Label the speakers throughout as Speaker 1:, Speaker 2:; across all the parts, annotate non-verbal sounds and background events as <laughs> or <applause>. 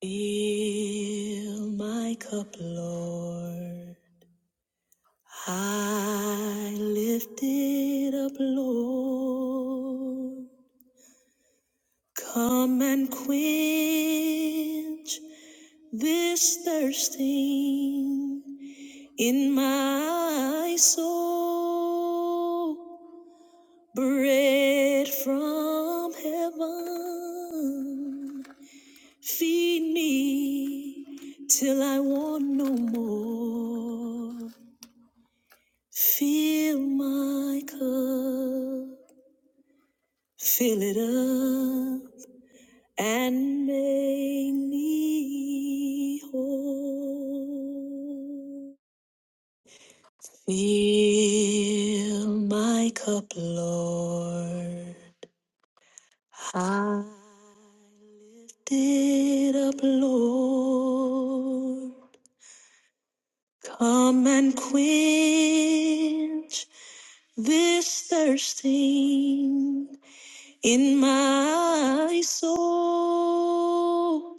Speaker 1: Fill my cup, Lord. I lift it up, Lord. Come and quench this thirsting in my soul. Bread from heaven. Feed me till I want no more. Fill my cup, fill it up, and make me whole. Fill my cup, Lord. I lift it up, Lord. Come and quench this thirsting in my soul.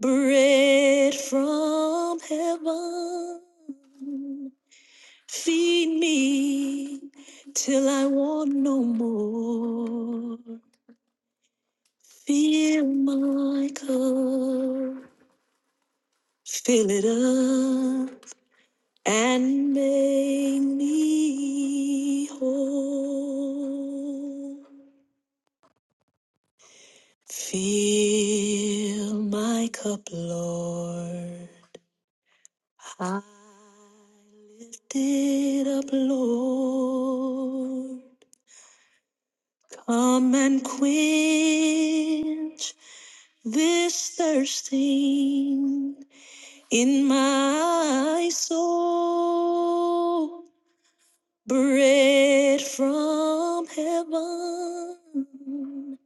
Speaker 1: Bread from heaven, feed me till I want no more. Fill my cup, fill it up. and make me whole. Fill my cup, Lord. I lift it up, Lord. Come and quench this thirsting in my soul. Bread from heaven,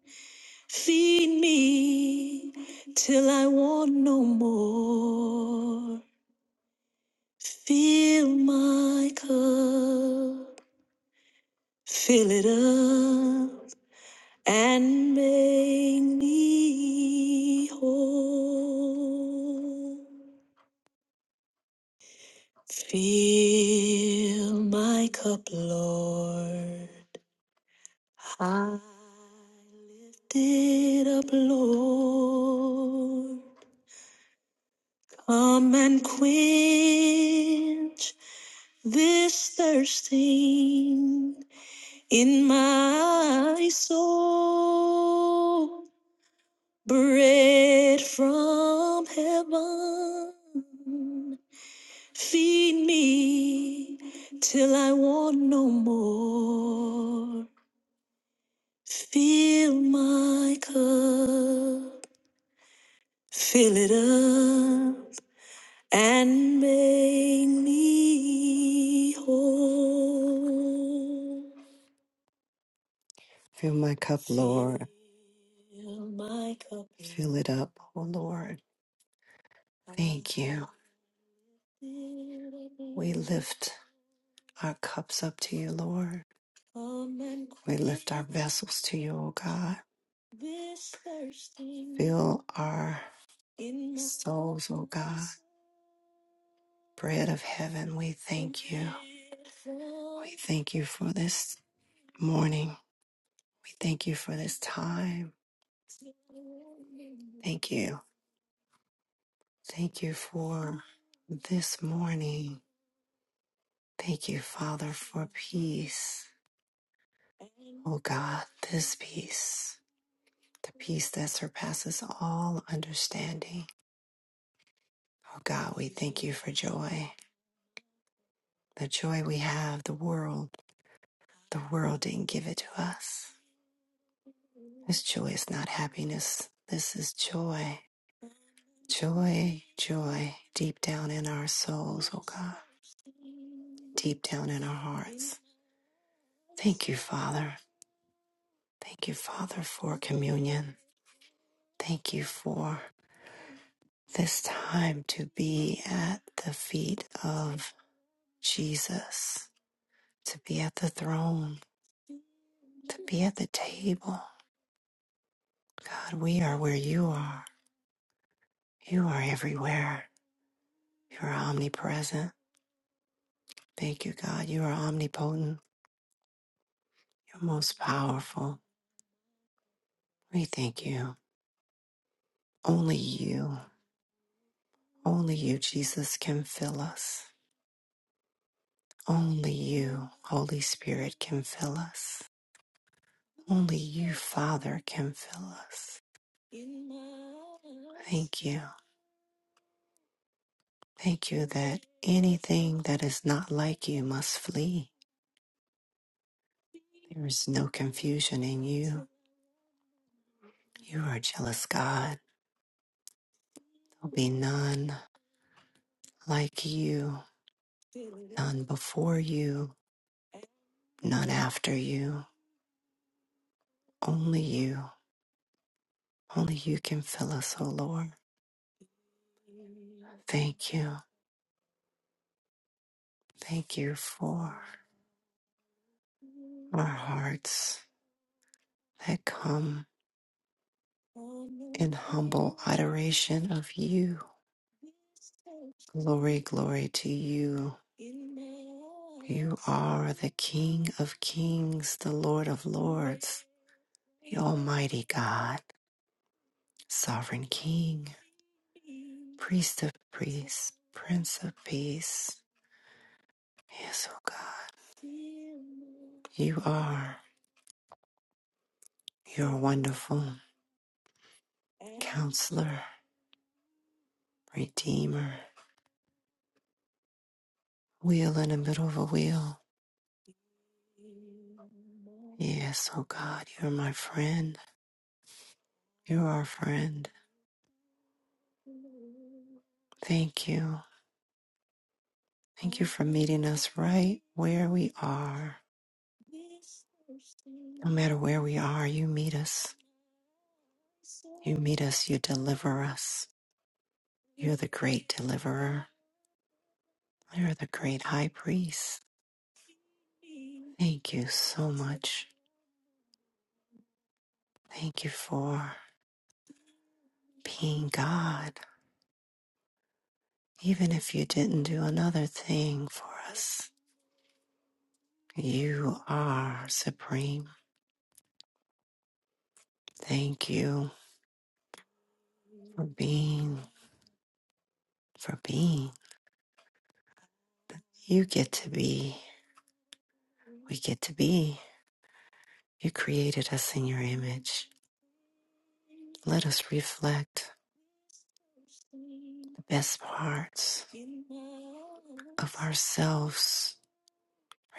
Speaker 1: feed me till I want no more. Fill my cup, fill it up, and make me whole. Fill my cup, Lord. I lifted up, Lord, come and quench this thirsting in my soul. Bread from heaven, feed me till I want no more. Fill my cup. Fill it up and make me whole. Fill my cup, Lord. Fill my cup, Fill it up, oh Lord. Thank you. We lift our cups up to you, Lord. Come We lift our vessels to you, oh God. Fill our souls, oh God. Bread of heaven, we thank you. We thank you for this morning. We thank you for this time. Thank you. Thank you for this morning. Thank you, Father, for peace. Oh God, this peace, the peace that surpasses all understanding. Oh God, we thank you for joy, the joy we have, the world. The world didn't give it to us. This joy is not happiness. This is joy. Joy, joy, deep down in our souls, oh God, deep down in our hearts. Thank you, Father. Thank you, Father, for communion. Thank you for this time to be at the feet of Jesus, to be at the throne, to be at the table. God, we are where you are. You are everywhere. You are omnipresent. Thank you, God. You are omnipotent. You're most powerful. We thank you. Only you, only you, Jesus, can fill us. Only you, Holy Spirit, can fill us. Only you, Father, can fill us. Thank you. Thank you that anything that is not like you must flee. There is no confusion in you. You are a jealous God. There'll be none like you, none before you, Not after you, only you. Only you can fill us, O Lord. Thank you. Thank you for our hearts that come in humble adoration of you. Glory, glory to you. You are the King of kings, the Lord of lords, the Almighty God. Sovereign King, Priest of Priests, Prince of Peace. Yes, oh God, you are your wonderful counselor, redeemer, wheel in the middle of a wheel. Yes, oh God, you're my friend. You're our friend. Thank you. Thank you for meeting us right where we are. No matter where we are, you meet us. You meet us, you deliver us. You're the great deliverer. You're the great high priest. Thank you so much. Thank you for being God. Even if you didn't do another thing for us, you are supreme. Thank you for being, for being. You get to be. We get to be. You created us in your image. Let us reflect the best parts of ourselves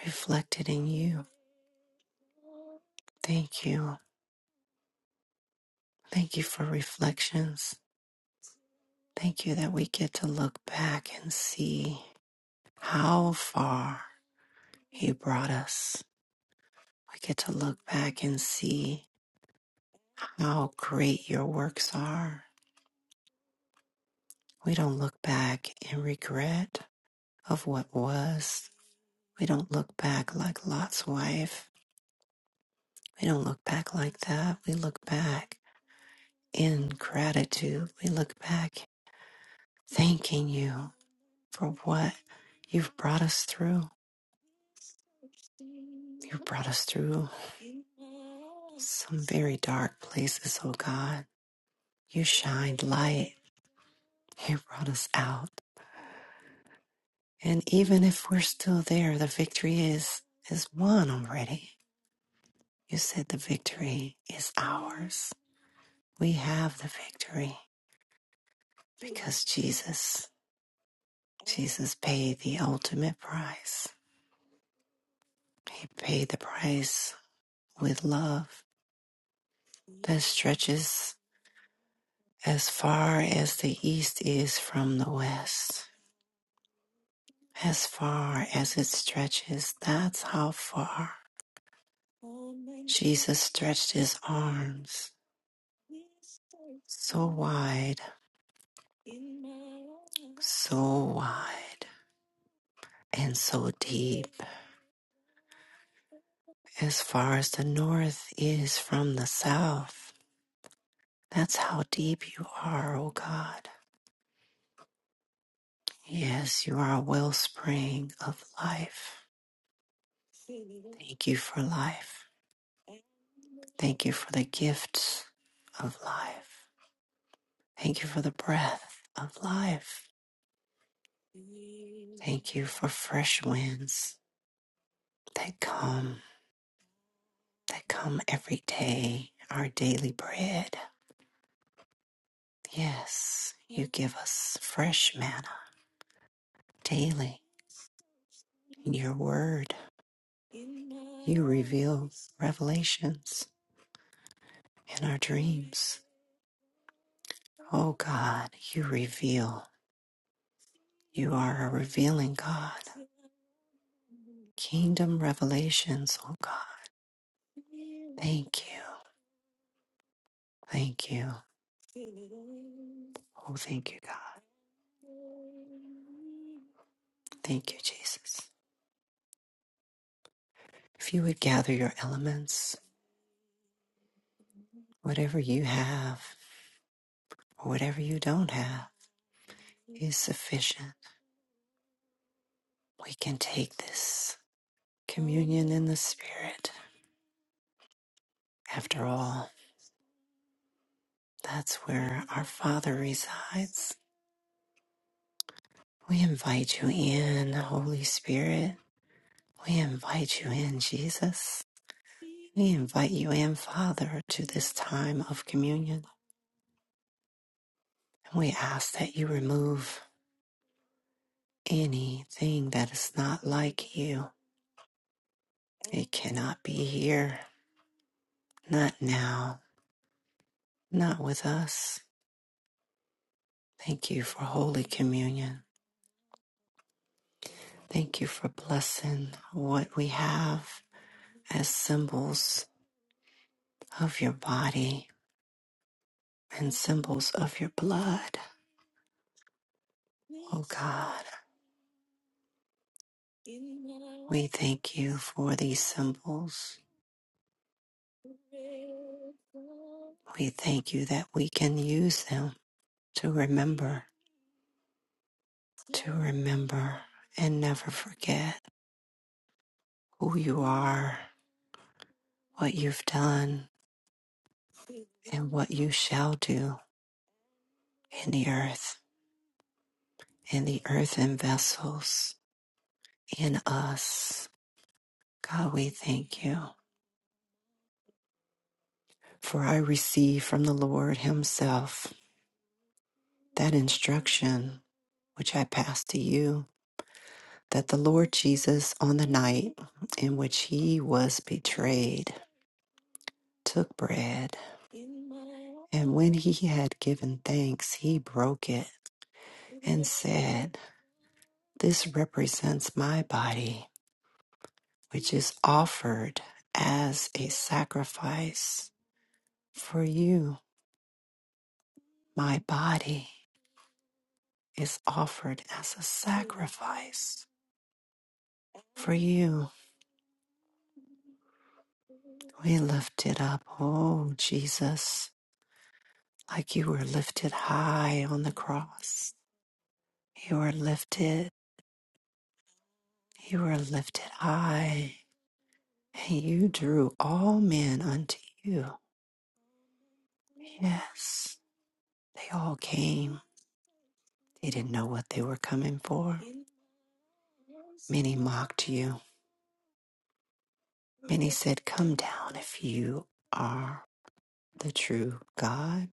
Speaker 1: reflected in you. Thank you. Thank you for reflections. Thank you that we get to look back and see how far you brought us. We get to look back and see how great your works are. We don't look back in regret. of what was. We don't look back like Lot's wife. We don't look back like that. We look back in gratitude. We look back thanking you for what you've brought us through. You've brought us through some very dark places, oh God. You shined light. You brought us out. And even if we're still there, the victory is is won already. You said the victory is ours. We have the victory because Jesus, Jesus paid the ultimate price. He paid the price with love that stretches as far as the east is from the west. As far as it stretches, that's how far Jesus stretched his arms so wide, so wide. and so deep as far as the north is from the south. That's how deep you are, O God. Yes, you are a wellspring of life. Thank you for life. Thank you for the gifts of life. Thank you for the breath of life. Thank you for fresh winds that come, that come every day, our daily bread. Yes, you give us fresh manna daily in your word. You reveal revelations in our dreams. Oh God, you reveal. You are a revealing God. Kingdom revelations, oh God. Thank you. Thank you. Oh, thank you, God. Thank you, Jesus. If you would gather your elements. Whatever you have, or whatever you don't have, is sufficient. We can take this communion in the Spirit. After all, that's where our Father resides. We invite you in, Holy Spirit. We invite you in, Jesus. We invite you in, Father, to this time of communion. And we ask that you remove anything that is not like you. It cannot be here, not now not with us. Thank you for Holy Communion. Thank you for blessing what we have as symbols of your body and symbols of your blood. Oh God, we thank you for these symbols. We thank you that we can use them to remember, to remember and never forget who you are, what you've done, and what you shall do in the earth, in the earthen vessels, in us. God, we thank you. For I receive from the Lord Himself that instruction which I pass to you that the Lord Jesus, on the night in which He was betrayed, took bread. And when He had given thanks, He broke it and said, This represents my body which is offered as a sacrifice for you. My body is offered as a sacrifice for you. We lift it up, oh Jesus, like you were lifted high on the cross. You were lifted, you were lifted high, and you drew all men unto you. Yes, they all came. They didn't know what they were coming for. Many mocked you. Many said, Come down if you are the true God,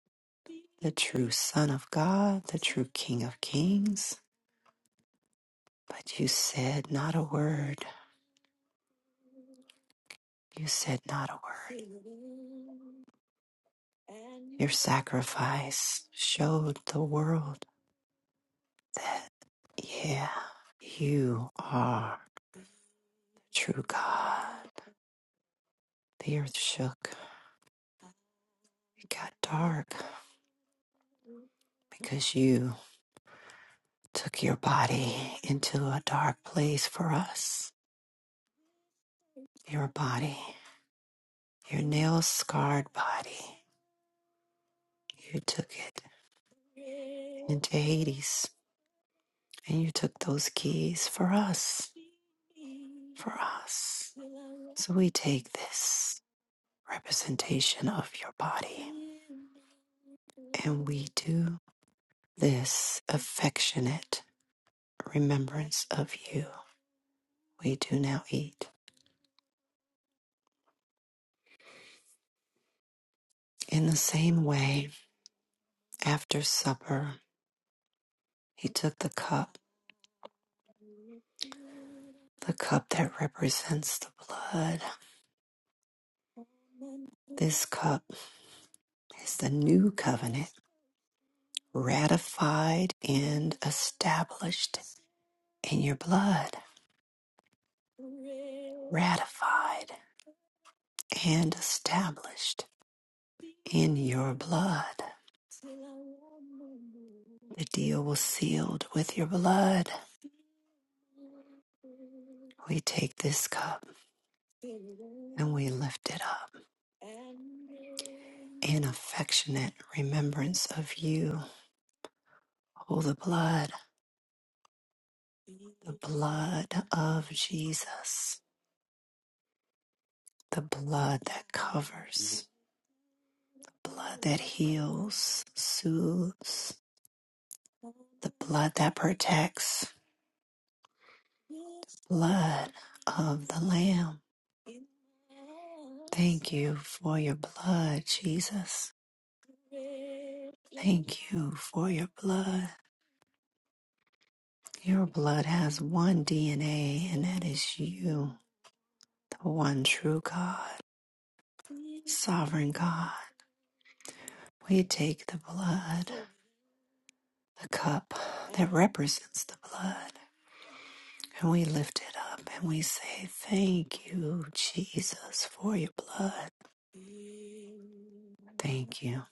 Speaker 1: the true Son of God, the true King of Kings. But you said not a word. You said not a word. Your sacrifice showed the world, yeah, you are true God. The earth shook. It got dark because you took your body into a dark place for us. Your body, your nail scarred body, you took it into Hades and you took those keys for us. For us. So we take this representation of your body and we do this affectionate remembrance of you. We do now eat. In the same way, after supper, he took the cup, the cup that represents the blood. This cup is the new covenant, ratified and established in your blood. Ratified and established. in your blood. The deal was sealed with your blood. We take this cup and we lift it up in affectionate remembrance of you. Oh, the blood, the blood of Jesus, the blood that covers, the blood that heals, soothes, the blood that protects. blood of the Lamb. Thank you for your blood, Jesus. Thank you for your blood. Your blood has one DNA, and that is you, the one true God, sovereign God. We take the blood, the cup that represents the blood. And we lift it up and we say, Thank you, Jesus, for your blood. Thank you.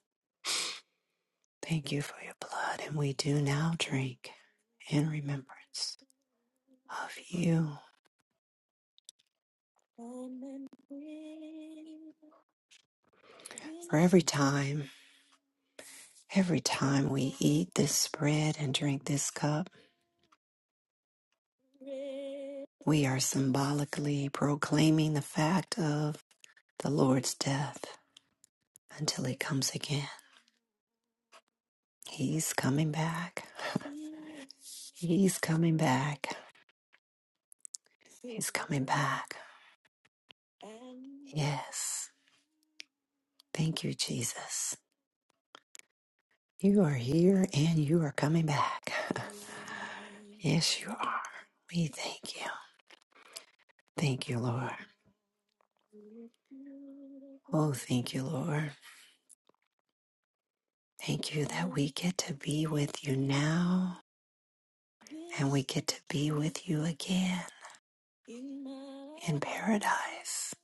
Speaker 1: Thank you for your blood. And we do now drink in remembrance of you. For every time, every time we eat this bread and drink this cup, we are symbolically proclaiming the fact of the Lord's death until he comes again. He's coming back. <laughs> He's coming back. He's coming back. Yes. Thank you, Jesus. You are here and you are coming back. <laughs> Yes, you are. We thank you. Thank you, Lord. Oh, thank you, Lord. Thank you that we get to be with you now and we get to be with you again in paradise.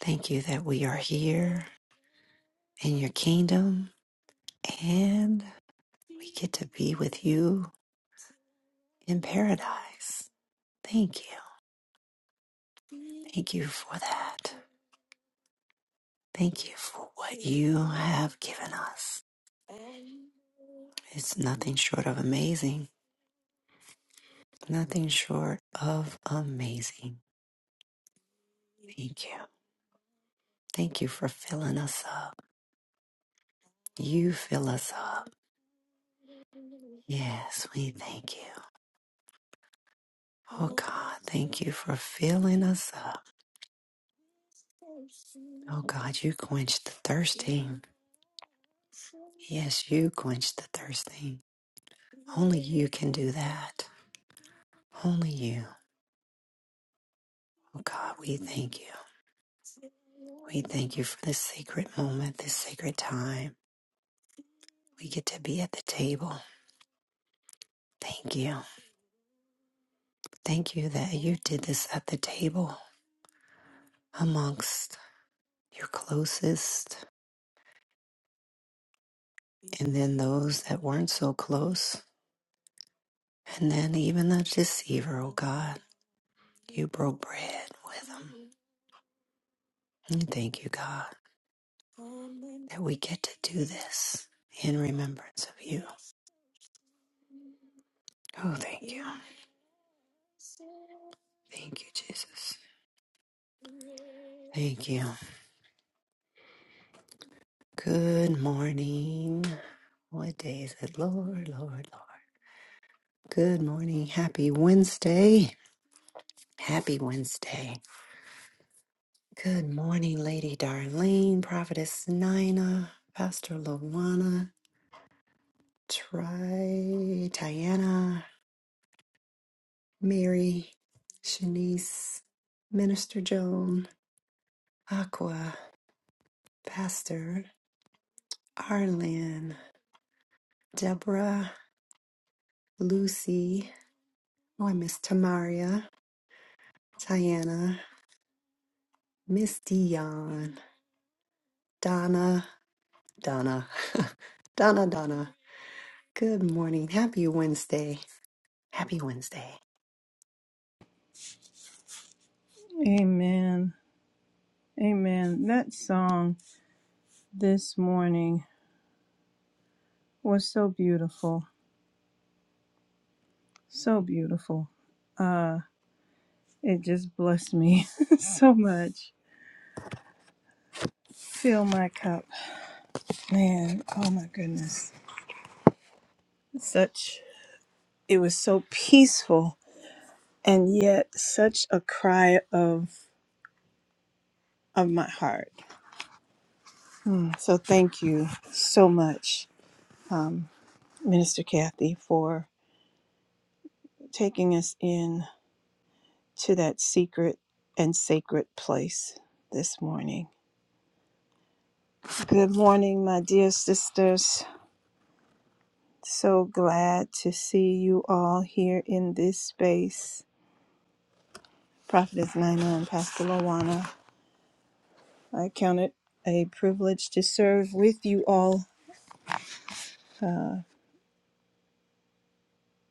Speaker 1: Thank you that we are here in your kingdom, and we get to be with you in paradise. Thank you. Thank you for that. Thank you for what you have given us. It's nothing short of amazing. Nothing short of amazing. Thank you. Thank you for filling us up. You fill us up. Yes, we thank you. Oh God, thank you for filling us up. Oh God, you quench the thirsting. Yes, you quench the thirsting. Only you can do that. Only you. Oh God, we thank you. We thank you for this sacred moment, this sacred time. We get to be at the table. Thank you. Thank you that you did this at the table amongst your closest and then those that weren't so close. And then even the deceiver, oh God. You broke bread with them. And thank you, God, that we get to do this in remembrance of you. Oh, thank you. Thank you, Jesus. Thank you. Good morning. What day is it? Lord, Lord, Lord. Good morning. Happy Wednesday. Happy Wednesday. Good morning, Lady Darlene, Prophetess Nina, Pastor Lawana. Try Diana, Mary, Shanice, Minister Joan, Aqua, Pastor, Arlen, Deborah, Lucy, oh, I miss Tamaria, Diana, Miss Dion, Donna, Donna, <laughs> Donna, Donna. Good morning. Happy Wednesday. Happy Wednesday.
Speaker 2: Amen. Amen. That song this morning was so beautiful. So beautiful. Uh it just blessed me <laughs> so much. Fill my cup. Man, oh my goodness. Such it was so peaceful and yet such a cry of of my heart. Hmm. So thank you so much, um, Minister Kathy, for taking us in. to that secret and sacred place this morning. Good morning, my dear sisters. So glad to see you all here in this space. Prophetess Nina and Pastor Lawana, I count it a privilege to serve with you all.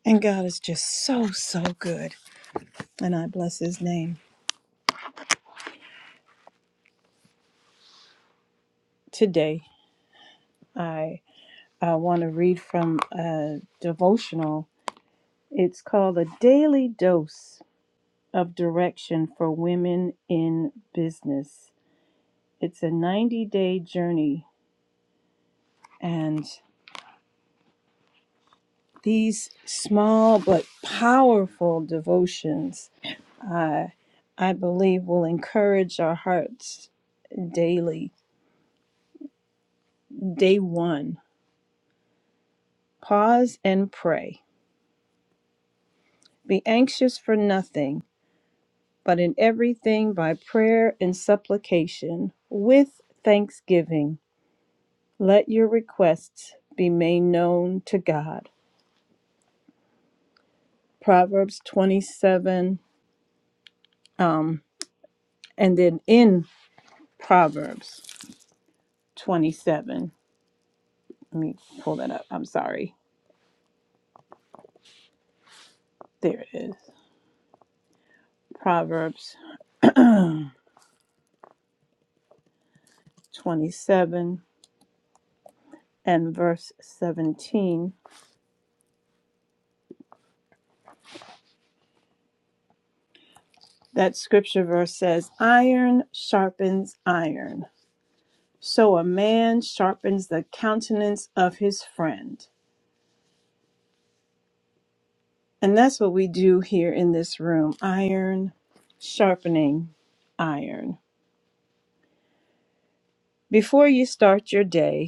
Speaker 2: And God is just so, so good. And I bless his name. Today, I, I want to read from a devotional. It's called A Daily Dose of direction for women in business. It's a 90 day journey, and these small but powerful devotions, uh, I believe, will encourage our hearts daily. Day one pause and pray. Be anxious for nothing, but in everything by prayer and supplication with thanksgiving. Let your requests be made known to God. Proverbs 27, um, and then in Proverbs 27, let me pull that up. I'm sorry. There it is. Proverbs 27 and verse 17. That scripture verse says, Iron sharpens iron. So a man sharpens the countenance of his friend. And that's what we do here in this room iron sharpening iron. Before you start your day,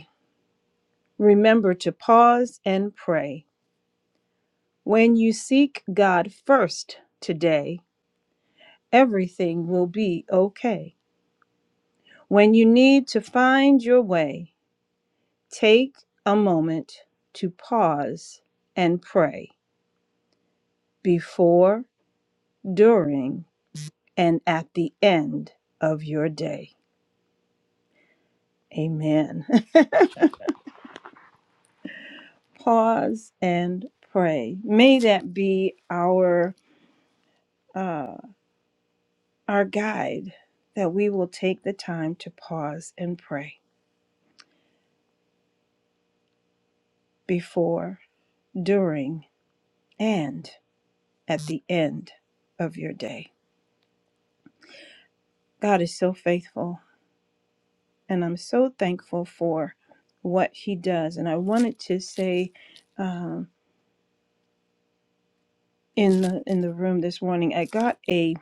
Speaker 2: Remember to pause and pray. When you seek God first today, everything will be okay. When you need to find your way, take a moment to pause and pray before, during, and at the end of your day. Amen. <laughs> pause and pray. May that be our uh, our guide that we will take the time to pause and pray before, during, and at the end of your day. God is so faithful, and I'm so thankful for what He does. And I wanted to say um, in the in the room this morning, I got a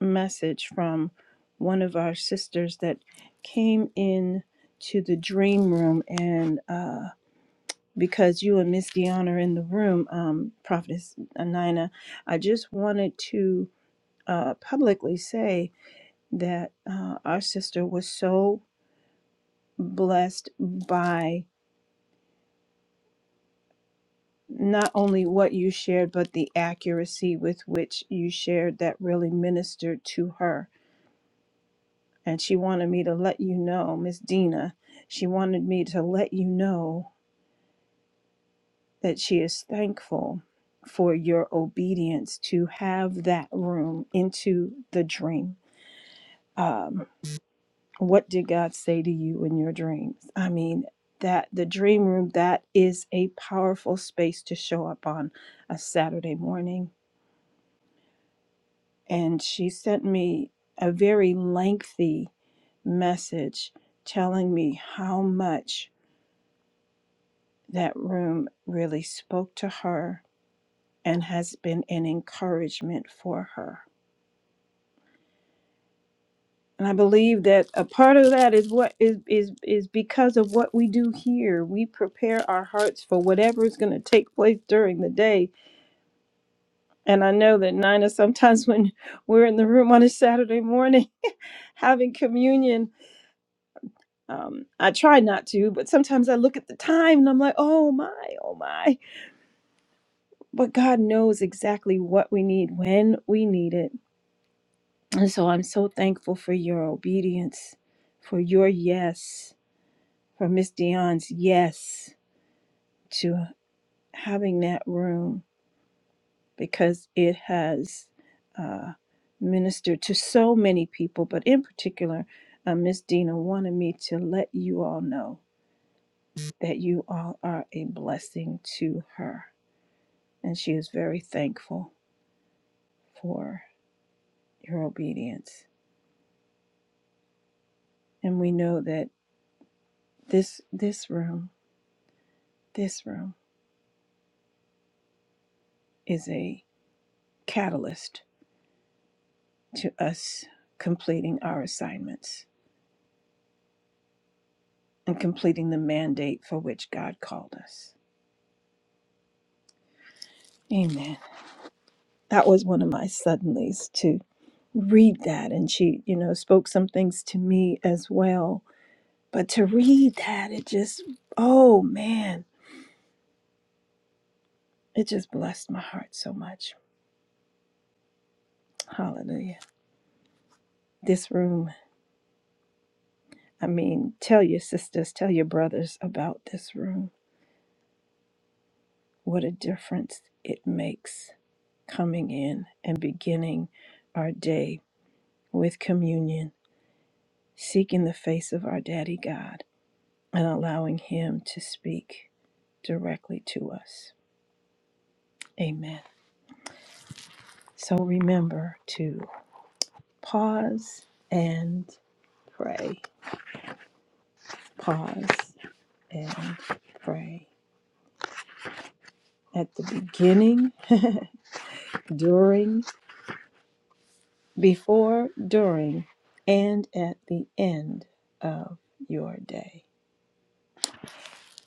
Speaker 2: message from one of our sisters that came in to the dream room and. uh, because you and Miss Dion are in the room, um, Prophetess uh, Nina, I just wanted to uh, publicly say that uh, our sister was so blessed by not only what you shared, but the accuracy with which you shared that really ministered to her. And she wanted me to let you know, Miss Dina, she wanted me to let you know that she is thankful for your obedience to have that room into the dream. Um, what did God say to you in your dreams? I mean, that the dream room that is a powerful space to show up on a Saturday morning. And she sent me a very lengthy message telling me how much that room really spoke to her and has been an encouragement for her And I believe that a part of that is what is is is because of what we do here. We prepare our hearts for whatever is going to take place during the day. And I know that Nina, sometimes <laughs> when we're in the room on a Saturday morning <laughs> having communion, um, I try not to, but sometimes I look at the time and I'm like, oh my, oh my. But God knows exactly what we need when we need it. And so I'm so thankful for your obedience, for your yes, for Miss Dion's yes to having that room because it has uh, ministered to so many people, but in particular, uh, Miss Dina wanted me to let you all know that you all are a blessing to her, and she is very thankful for your obedience. And we know that this this room, this room, is a catalyst to us completing our assignments and completing the mandate for which God called us. Amen. That was one of my suddenlies to read that. And she, you know, spoke some things to me as well. But to read that, it just, oh man, it just blessed my heart so much. Hallelujah. This room, I mean, tell your sisters, tell your brothers about this room. What a difference it makes coming in and beginning our day with communion seeking the face of our Daddy God and allowing Him to speak directly to us. Amen. So remember to pause and pray. Pause and pray. At the beginning, during, before, during, and at the end of your day.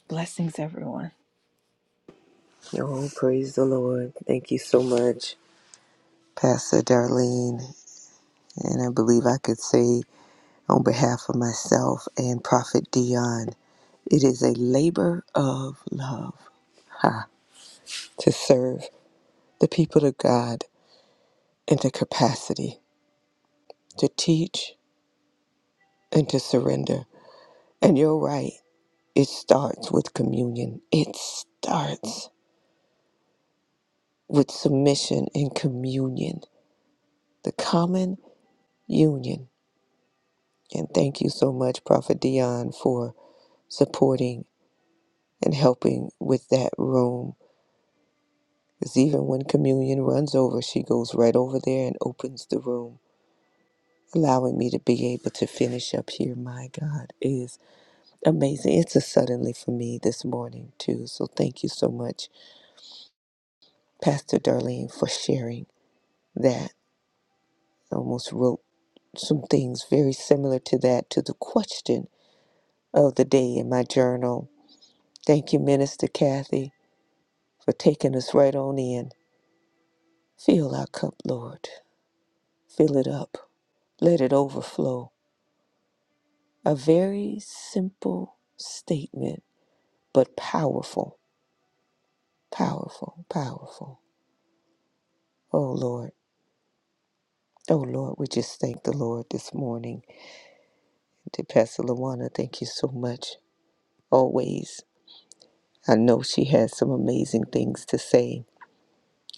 Speaker 2: Blessings, everyone.
Speaker 3: Oh, praise the Lord. Thank you so much, Pastor Darlene. And I believe I could say on behalf of myself and Prophet Dion, it is a labor of love ha, to serve the people of God in the capacity to teach and to surrender. And you're right, it starts with communion. It starts with submission and communion, the common union. And thank you so much, Prophet Dion, for supporting and helping with that room. Because even when communion runs over, she goes right over there and opens the room, allowing me to be able to finish up here. My God it is amazing. It's a suddenly for me this morning, too. So thank you so much, Pastor Darlene, for sharing that. I almost wrote some things very similar to that, to the question of the day in my journal. Thank you, Minister Kathy, for taking us right on in. Fill our cup, Lord. Fill it up, let it overflow. A very simple statement, but powerful, powerful, powerful. Oh Lord, oh Lord, we just thank the Lord this morning. To Pastor Lawana, thank you so much. Always. I know she has some amazing things to say.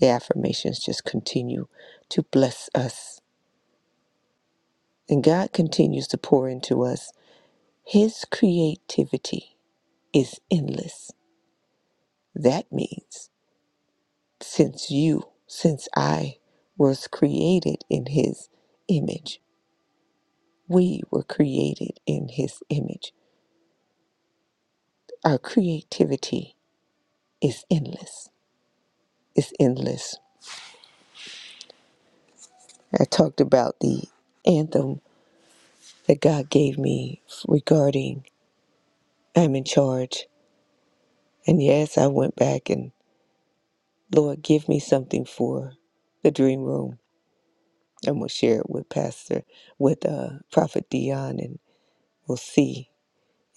Speaker 3: The affirmations just continue to bless us. And God continues to pour into us. His creativity is endless. That means since you, since I was created in his image. We were created in his image. Our creativity is endless. It's endless. I talked about the anthem that God gave me regarding I'm in charge. And yes, I went back and Lord, give me something for the dream room. And we'll share it with Pastor, with uh, Prophet Dion, and we'll see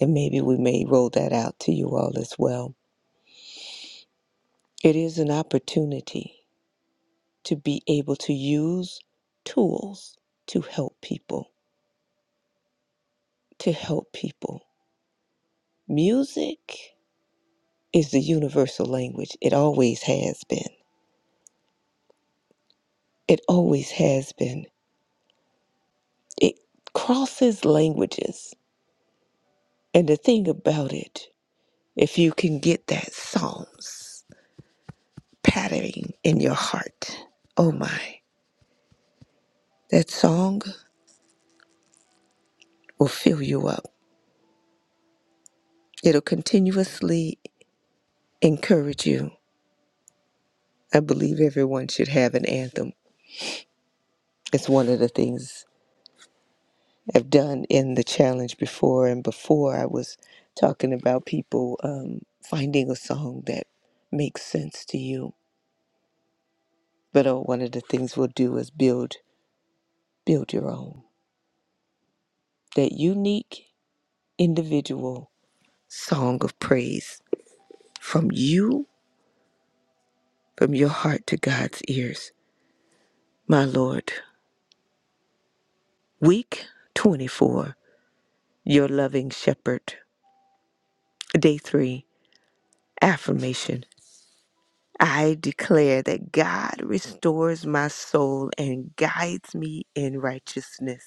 Speaker 3: And maybe we may roll that out to you all as well. It is an opportunity to be able to use tools to help people, to help people. Music is the universal language. It always has been. It always has been. It crosses languages. And the thing about it, if you can get that Psalms pattering in your heart, oh my, that song will fill you up It'll continuously encourage you. I believe everyone should have an anthem. It's one of the things I've done in the challenge before. And before I was talking about people um, finding a song that makes sense to you. But uh, one of the things we'll do is build build your own that unique individual song of praise from you, from your heart to God's ears. My Lord, week 24 your loving shepherd. Day three, affirmation. I declare that God restores my soul and guides me in righteousness.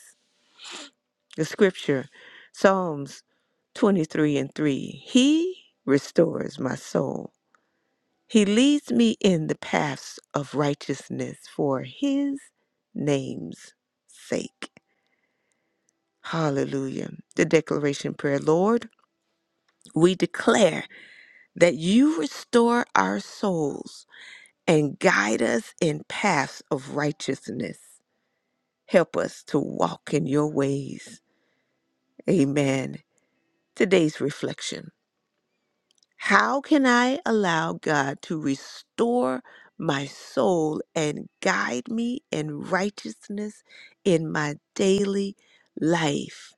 Speaker 3: The scripture, Psalms 23 and 3. He restores my soul. He leads me in the paths of righteousness for his name's sake. Hallelujah. The declaration prayer, Lord, we declare that you restore our souls and guide us in paths of righteousness. Help us to walk in your ways. Amen. Today's reflection How can I allow God to restore my soul and guide me in righteousness in my daily life?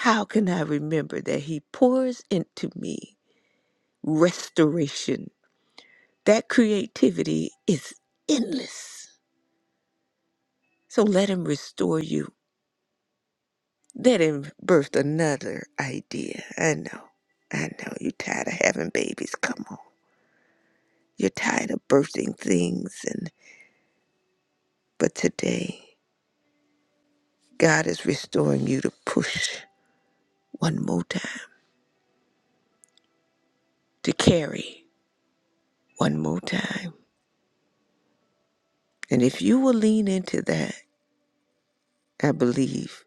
Speaker 3: How can I remember that He pours into me restoration? That creativity is endless. So let Him restore you That didn't birth another idea. I know. I know. You're tired of having babies. Come on. You're tired of birthing things and but today God is restoring you to push one more time. To carry one more time. And if you will lean into that, I believe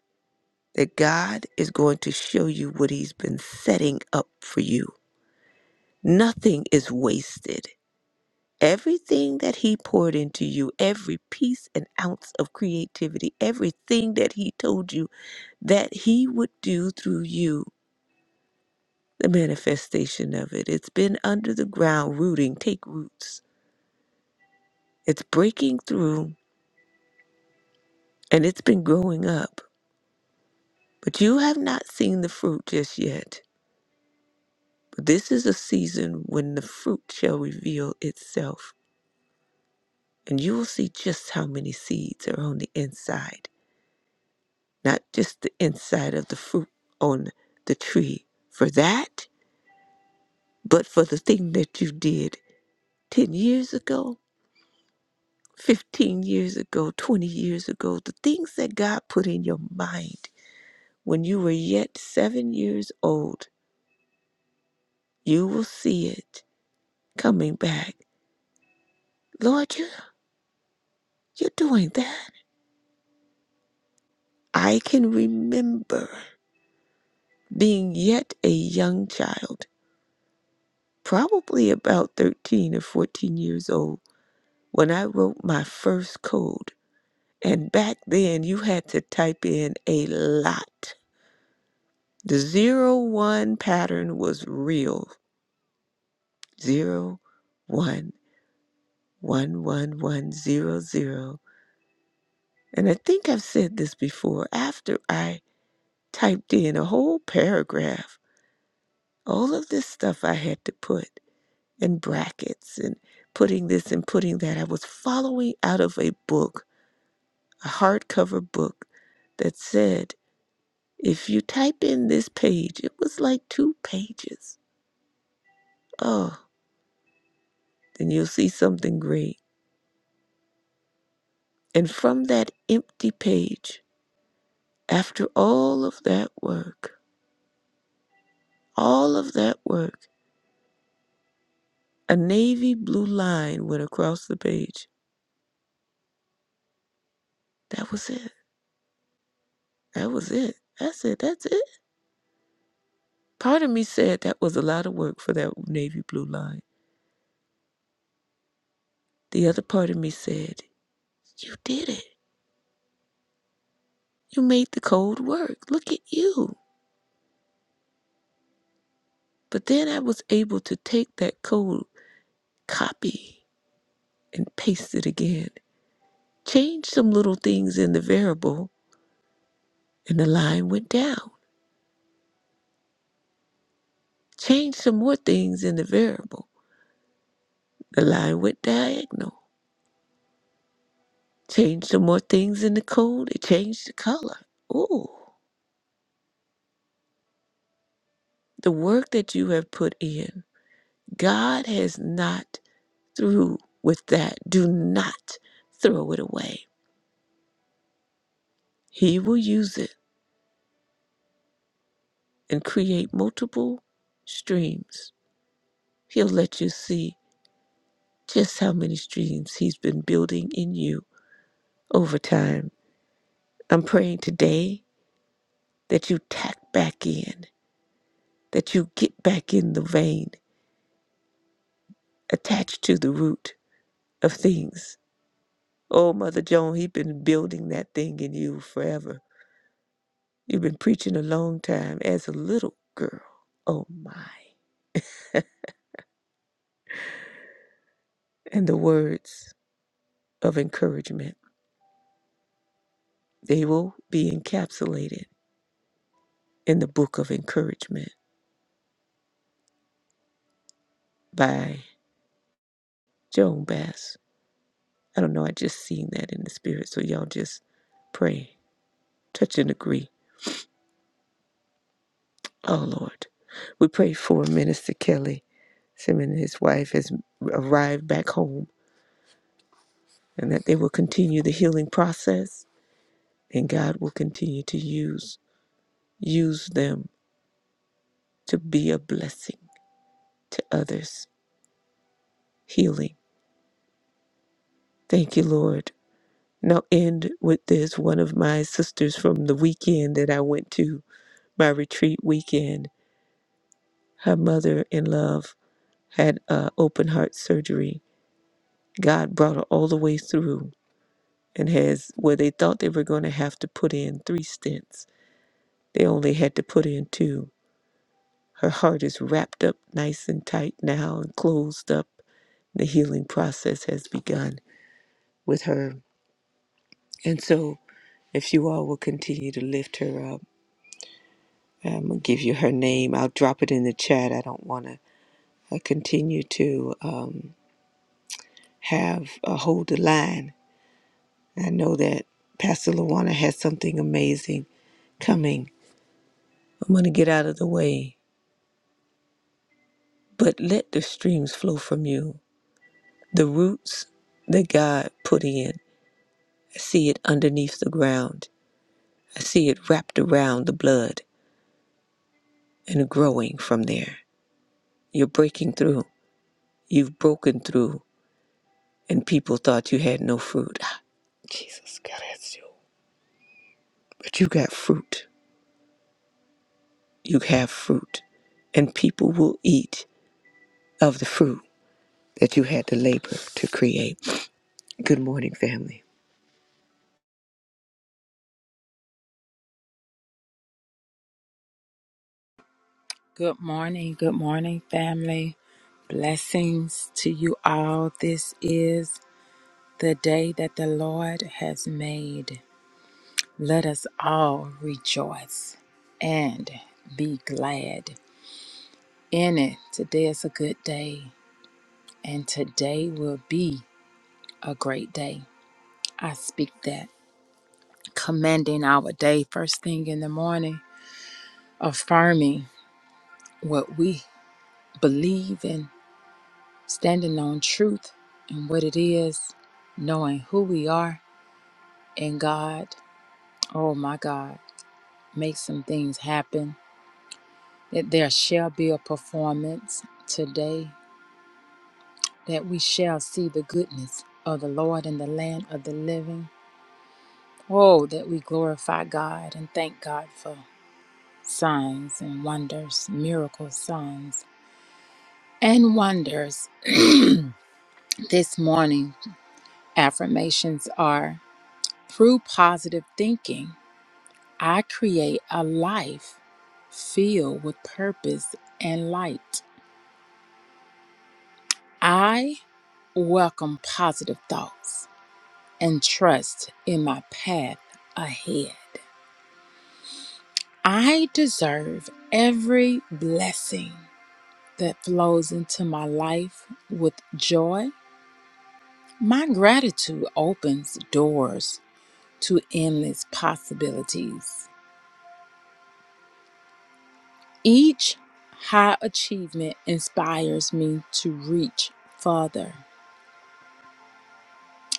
Speaker 3: that God is going to show you what He's been setting up for you. Nothing is wasted. Everything that he poured into you, every piece and ounce of creativity, everything that he told you that he would do through you, the manifestation of it. It's been under the ground, rooting, take roots. It's breaking through and it's been growing up. But you have not seen the fruit just yet. But this is a season when the fruit shall reveal itself. And you will see just how many seeds are on the inside not just the inside of the fruit on the tree for that, but for the thing that you did 10 years ago, 15 years ago, 20 years ago, the things that God put in your mind when you were yet seven years old, you will see it coming back. Lord, you, you're doing that. I can remember being yet a young child, probably about 13 or 14 years old when I wrote my first code, and back then you had to type in a lot. The zero one pattern was real. Zero one one one one zero zero. And I think I've said this before. After I typed in a whole paragraph, all of this stuff I had to put in brackets and putting this and putting that. I was following out of a book, a hardcover book that said If you type in this page, it was like two pages. Oh, then you'll see something great. And from that empty page, after all of that work, all of that work, a navy blue line went across the page. That was it. That was it. That's it. That's it. Part of me said that was a lot of work for that navy blue line. The other part of me said, You did it. You made the code work. Look at you. But then I was able to take that code copy and paste it again. Change some little things in the variable, and the line went down. Change some more things in the variable, the line went diagonal. Change some more things in the code, it changed the color. Ooh, the work that you have put in, God has not through with that. Do not throw it away. He will use it and create multiple streams. He'll let you see just how many streams He's been building in you over time. I'm praying today that you tack back in, that you get back in the vein, attached to the root of things. Oh, Mother Joan, He's been building that thing in you forever. You've been preaching a long time as a little girl. Oh, my. And the words of encouragement, they will be encapsulated in the book of encouragement by Joan Bass. I don't know. I just seen that in the spirit. So y'all just pray, touch and agree. Oh Lord, we pray for Minister Kelly Him and his wife has arrived back home, and that they will continue the healing process, and God will continue to use use them to be a blessing to others. Healing. Thank you, Lord. Now end with this. One of my sisters from the weekend that I went to my retreat weekend. Her mother in love had uh, open heart surgery. God brought her all the way through and has where they thought they were going to have to put in three stents. They only had to put in two. Her heart is wrapped up nice and tight now and closed up. The healing process has begun with her. And so, if you all will continue to lift her up, I'm going to give you her name. I'll drop it in the chat. I don't want to I continue to um, have a hold the line I know that Pastor Luana has something amazing coming. I'm going to get out of the way, but let the streams flow from you. The roots that God put in, I see it underneath the ground. I see it wrapped around the blood and growing from there. You're breaking through. You've broken through, and people thought you had no fruit. Ah, Jesus, God, that's you. But you got fruit. You have fruit, and people will eat of the fruit that you had to labor to create. Good morning, family.
Speaker 4: Good morning, good morning, family. Blessings to you all. This is the day that the Lord has made. Let us all rejoice and be glad in it. Today is a good day, and today will be a great day. I speak that, commending our day first thing in the morning, affirming what we believe in standing on truth and what it is, knowing who we are in God. Oh my God, make some things happen. That there shall be a performance today, that we shall see the goodness of the Lord in the land of the living. Oh, that we glorify God and thank God for signs and wonders, miracle signs and wonders. This morning, affirmations are through positive thinking. I create a life filled with purpose and light. I welcome positive thoughts and trust in my path ahead. I deserve every blessing that flows into my life with joy. My gratitude opens doors to endless possibilities. Each high achievement inspires me to reach further.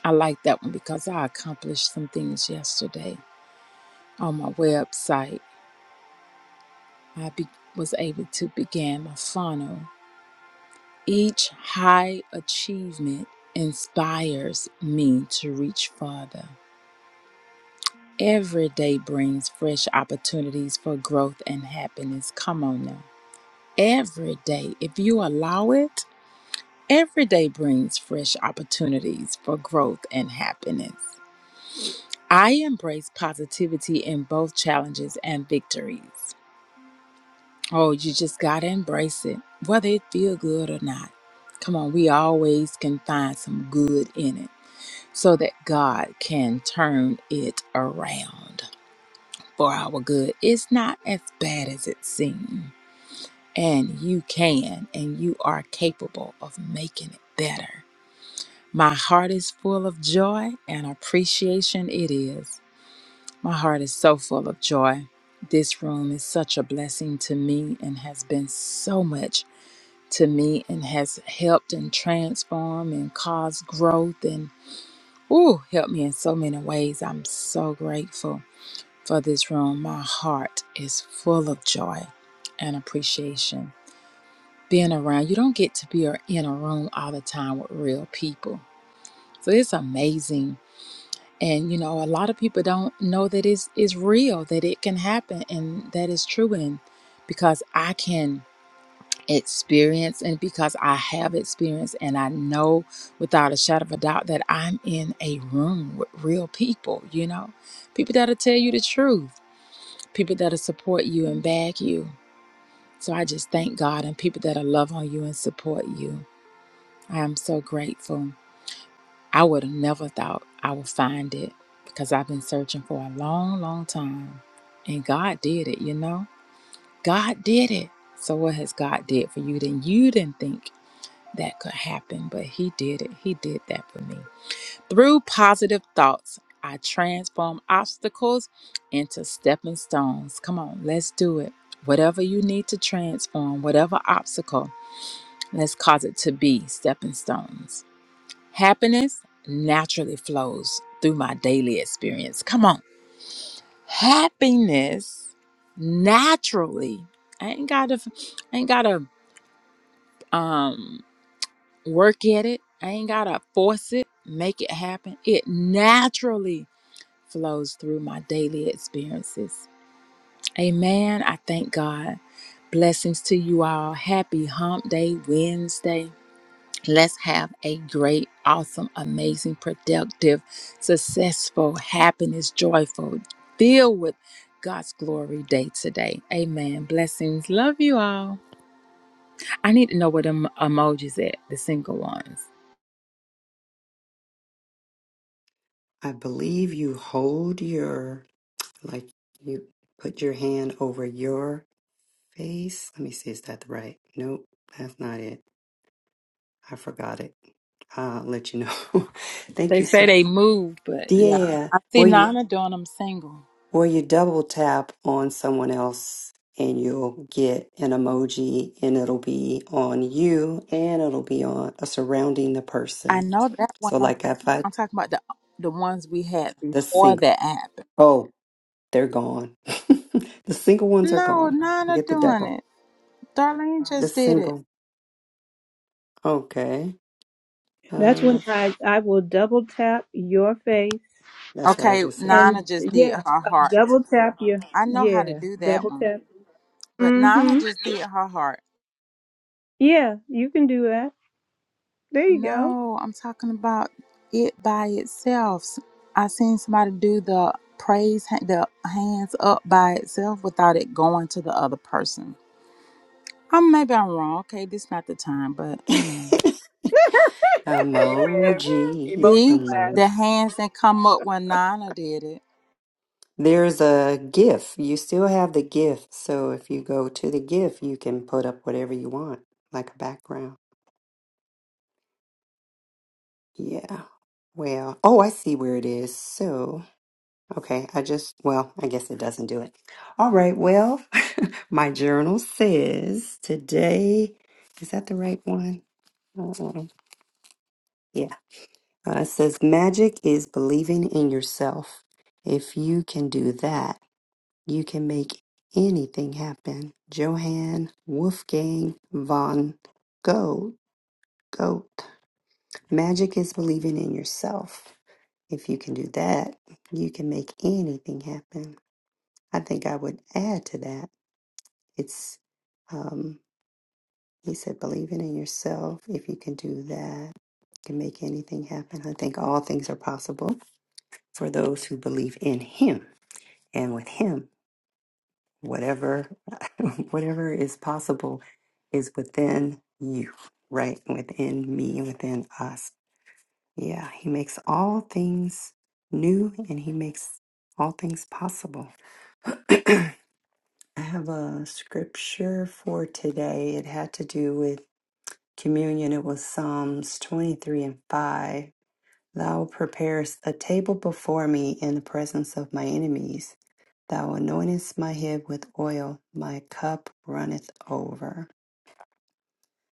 Speaker 4: I like that one because I accomplished some things yesterday on my website. I be- was able to begin my funnel. Each high achievement inspires me to reach farther. Every day brings fresh opportunities for growth and happiness. Come on now. Every day, if you allow it, every day brings fresh opportunities for growth and happiness. I embrace positivity in both challenges and victories. Oh, you just got to embrace it, whether it feel good or not. Come on, we always can find some good in it so that God can turn it around for our good. It's not as bad as it seems, and you can and you are capable of making it better. My heart is full of joy and appreciation it is. My heart is so full of joy. This room is such a blessing to me and has been so much to me and has helped and transformed and caused growth and ooh, helped me in so many ways. I'm so grateful for this room. My heart is full of joy and appreciation. Being around, you don't get to be in a room all the time with real people. So it's amazing and you know a lot of people don't know that it's it's real that it can happen and that is true and because i can experience and because i have experienced and i know without a shadow of a doubt that i'm in a room with real people you know people that'll tell you the truth people that'll support you and back you so i just thank god and people that'll love on you and support you i am so grateful I would have never thought I would find it because I've been searching for a long, long time. And God did it, you know? God did it. So what has God did for you then you didn't think that could happen, but he did it. He did that for me. Through positive thoughts, I transform obstacles into stepping stones. Come on, let's do it. Whatever you need to transform, whatever obstacle, let's cause it to be stepping stones. Happiness naturally flows through my daily experience. Come on. Happiness naturally. I ain't gotta I ain't gotta um work at it. I ain't gotta force it, make it happen. It naturally flows through my daily experiences. Amen. I thank God. Blessings to you all. Happy hump day Wednesday. Let's have a great, awesome, amazing, productive, successful, happiness, joyful, filled with God's glory day today. Amen. Blessings. Love you all. I need to know where them emojis at, the single ones.
Speaker 1: I believe you hold your, like, you put your hand over your Face. Let me see, is that right? Nope, that's not it. I forgot it. I'll let you know. <laughs> Thank
Speaker 4: They
Speaker 1: you
Speaker 4: say
Speaker 1: so
Speaker 4: they moved, but yeah.
Speaker 1: Yeah.
Speaker 4: I see
Speaker 1: Well you
Speaker 4: Nana doing them single.
Speaker 1: well you double tap on someone else and you'll get an emoji and it'll be on you and it'll be on a surrounding the
Speaker 4: I
Speaker 1: person.
Speaker 4: know that one.
Speaker 1: So
Speaker 4: I'm,
Speaker 1: like if I
Speaker 4: I'm talking about the the ones we had
Speaker 1: the
Speaker 4: before
Speaker 1: single
Speaker 4: that happened.
Speaker 1: oh, they're gone. <laughs> the single ones are
Speaker 4: No,
Speaker 1: gone. We
Speaker 4: Nana
Speaker 1: get the
Speaker 4: doing
Speaker 1: double.
Speaker 4: it. Darlene
Speaker 1: The
Speaker 4: just did it.
Speaker 1: single. Okay.
Speaker 2: That's
Speaker 1: Uh,
Speaker 2: when I, I will double tap your face
Speaker 1: that's what I
Speaker 4: Okay,
Speaker 1: just said.
Speaker 4: Nana
Speaker 2: And
Speaker 4: just did
Speaker 2: yeah,
Speaker 4: her
Speaker 2: uh,
Speaker 4: heart.
Speaker 2: double tap you.
Speaker 4: I know how to
Speaker 2: Yeah,
Speaker 4: do that
Speaker 2: double
Speaker 4: one.
Speaker 2: tap.
Speaker 4: But Nana
Speaker 2: Mm-hmm.
Speaker 4: just did her heart.
Speaker 2: Yeah, you can do that. There you go.
Speaker 4: No, I'm talking about it by itself. I seen somebody do the praise, ha- the hands up by itself without it going to the other person. Um, maybe I'm wrong. Okay, this not the time, but
Speaker 1: <laughs>
Speaker 4: amen.
Speaker 3: Amen.
Speaker 2: <laughs>
Speaker 1: Emoji.
Speaker 3: Emoji.
Speaker 4: See, the
Speaker 1: Emoji.
Speaker 4: hands that come up when Nana did it.
Speaker 1: There's a GIF. You still have the GIF. So if you go to the GIF, you can put up whatever you want, like a background. Yeah. Well, oh, I see where it is. So, okay, I just, well, I guess it doesn't do it. All right, well, <laughs> my journal says today, is that the right one? uh Yeah. Uh, it says magic is believing in yourself. If you can do that, You can make anything happen. Johann Wolfgang von Goethe. Goethe. Magic is believing in yourself. If you can do that, you can make anything happen. I think I would add to that. It's, um, he said, believing in yourself. If you can do that, you can make anything happen. I think all things are possible for those who believe in him and with him whatever <laughs> whatever is possible is within you right within me within us yeah he makes all things new and he makes all things possible <clears throat> i have a scripture for today it had to do with communion it was psalms 23 and 5 thou preparest a table before me in the presence of my enemies Thou anointest my head with oil, my cup runneth over.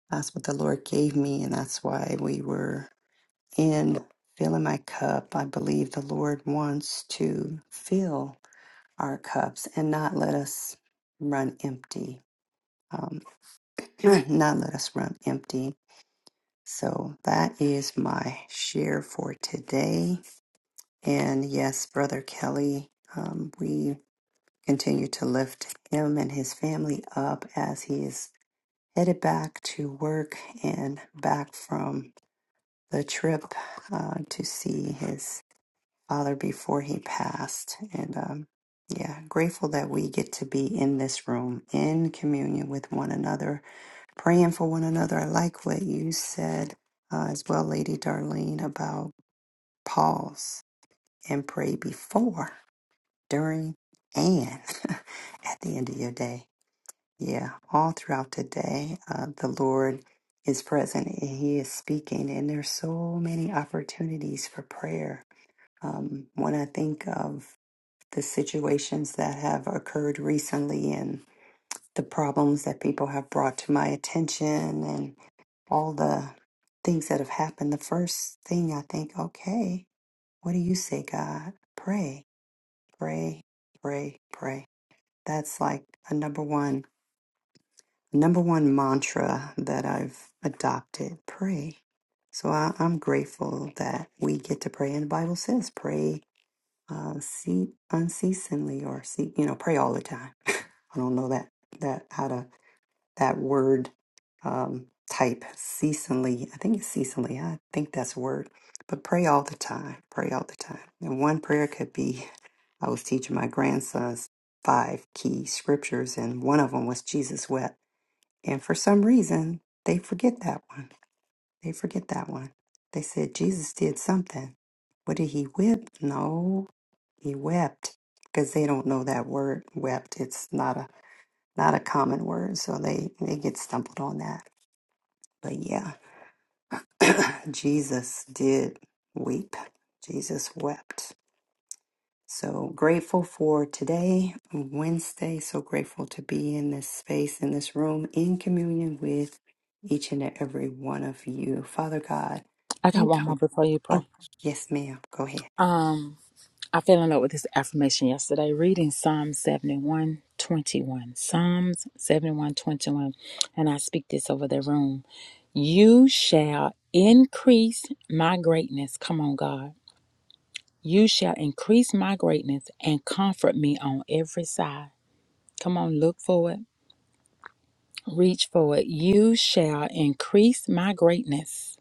Speaker 1: That's what the Lord gave me, and that's why we were in filling my cup. I believe the Lord wants to fill our cups and not let us run empty. Um, <clears throat> not let us run empty. So that is my share for today. And yes, Brother Kelly, um, we continue to lift him and his family up as he is headed back to work and back from the trip uh, to see his father before he passed. And um, yeah, grateful that we get to be in this room in communion with one another, praying for one another. I like what you said uh, as well, Lady Darlene, about pause and pray before, during, and <laughs> at the end of your day Yeah, all throughout the day, uh, the Lord is present and He is speaking, and there's so many opportunities for prayer. Um, when I think of the situations that have occurred recently and the problems that people have brought to my attention and all the things that have happened, the first thing I think, okay, what do you say, God? Pray, pray, pray, pray. That's like a number one number one mantra that I've adopted pray. So I, I'm grateful that we get to pray. And the Bible says, pray uh, see, unceasingly or see, you know, pray all the time. <laughs> I don't know that, that, how to, that word um, type, ceasingly. I think it's ceasingly. I think that's a word. But pray all the time. Pray all the time. And one prayer could be I was teaching my grandsons five key scriptures, and one of them was Jesus wept. And for some reason, they forget that one. They forget that one. They said Jesus did something. What did he whip? No, he wept because they don't know that word wept. It's not a not a common word, so they they get stumbled on that. But yeah, <coughs> <clears throat> Jesus did weep. Jesus wept. So grateful for today, Wednesday. So grateful to be in this space, in this room, in communion with each and every one of you. Father God,
Speaker 4: I got
Speaker 1: thank
Speaker 4: one
Speaker 1: you.
Speaker 4: more before you
Speaker 1: Oh,
Speaker 4: pray.
Speaker 1: yes, ma'am. Go ahead.
Speaker 4: Um. I fell in love with this affirmation yesterday reading Psalm 71 21, Psalms 71 21, And I speak this over the room. You shall increase my greatness. Come on, God. You shall increase my greatness and comfort me on every side. Come on, look for it. Reach for it. You shall increase my greatness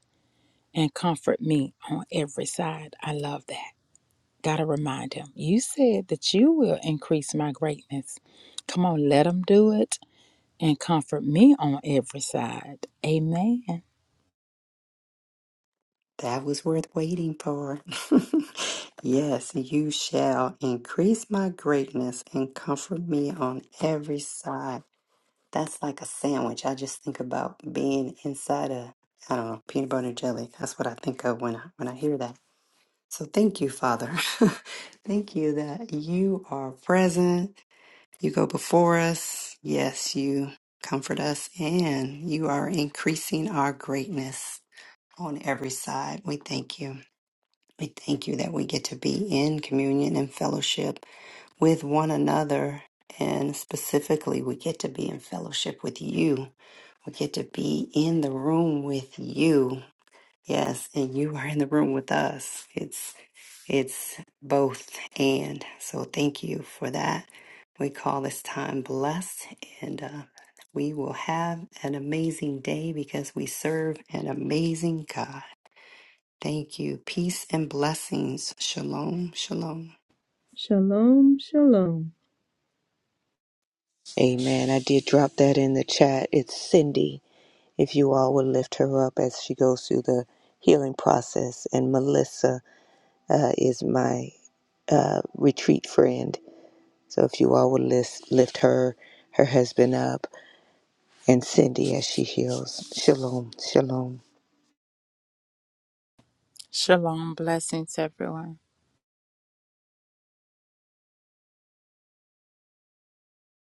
Speaker 4: and comfort me on every side. I love that. Got to remind him, you said that you will increase my greatness. Come on, let him do it and comfort me on every side. Amen.
Speaker 1: That was worth waiting for. <laughs> yes, you shall increase my greatness and comfort me on every side. That's like a sandwich. I just think about being inside a, I don't know, peanut butter and jelly. That's what I think of when I, when I hear that So thank you, Father. <laughs> thank you that you are present. You go before us. Yes, you comfort us and you are increasing our greatness on every side. We thank you. We thank you that we get to be in communion and fellowship with one another. And specifically, we get to be in fellowship with you. We get to be in the room with you. Yes, and you are in the room with us. It's it's both and. So thank you for that. We call this time blessed, and uh, we will have an amazing day because we serve an amazing God. Thank you. Peace and blessings. Shalom. Shalom.
Speaker 2: Shalom, shalom.
Speaker 3: Amen. I did drop that in the chat. It's Cindy. If you all would lift her up as she goes through the healing process. And Melissa uh, is my uh, retreat friend. So if you all would list, lift her, her husband up, and Cindy as she heals. Shalom. Shalom.
Speaker 4: Shalom. Blessings, everyone.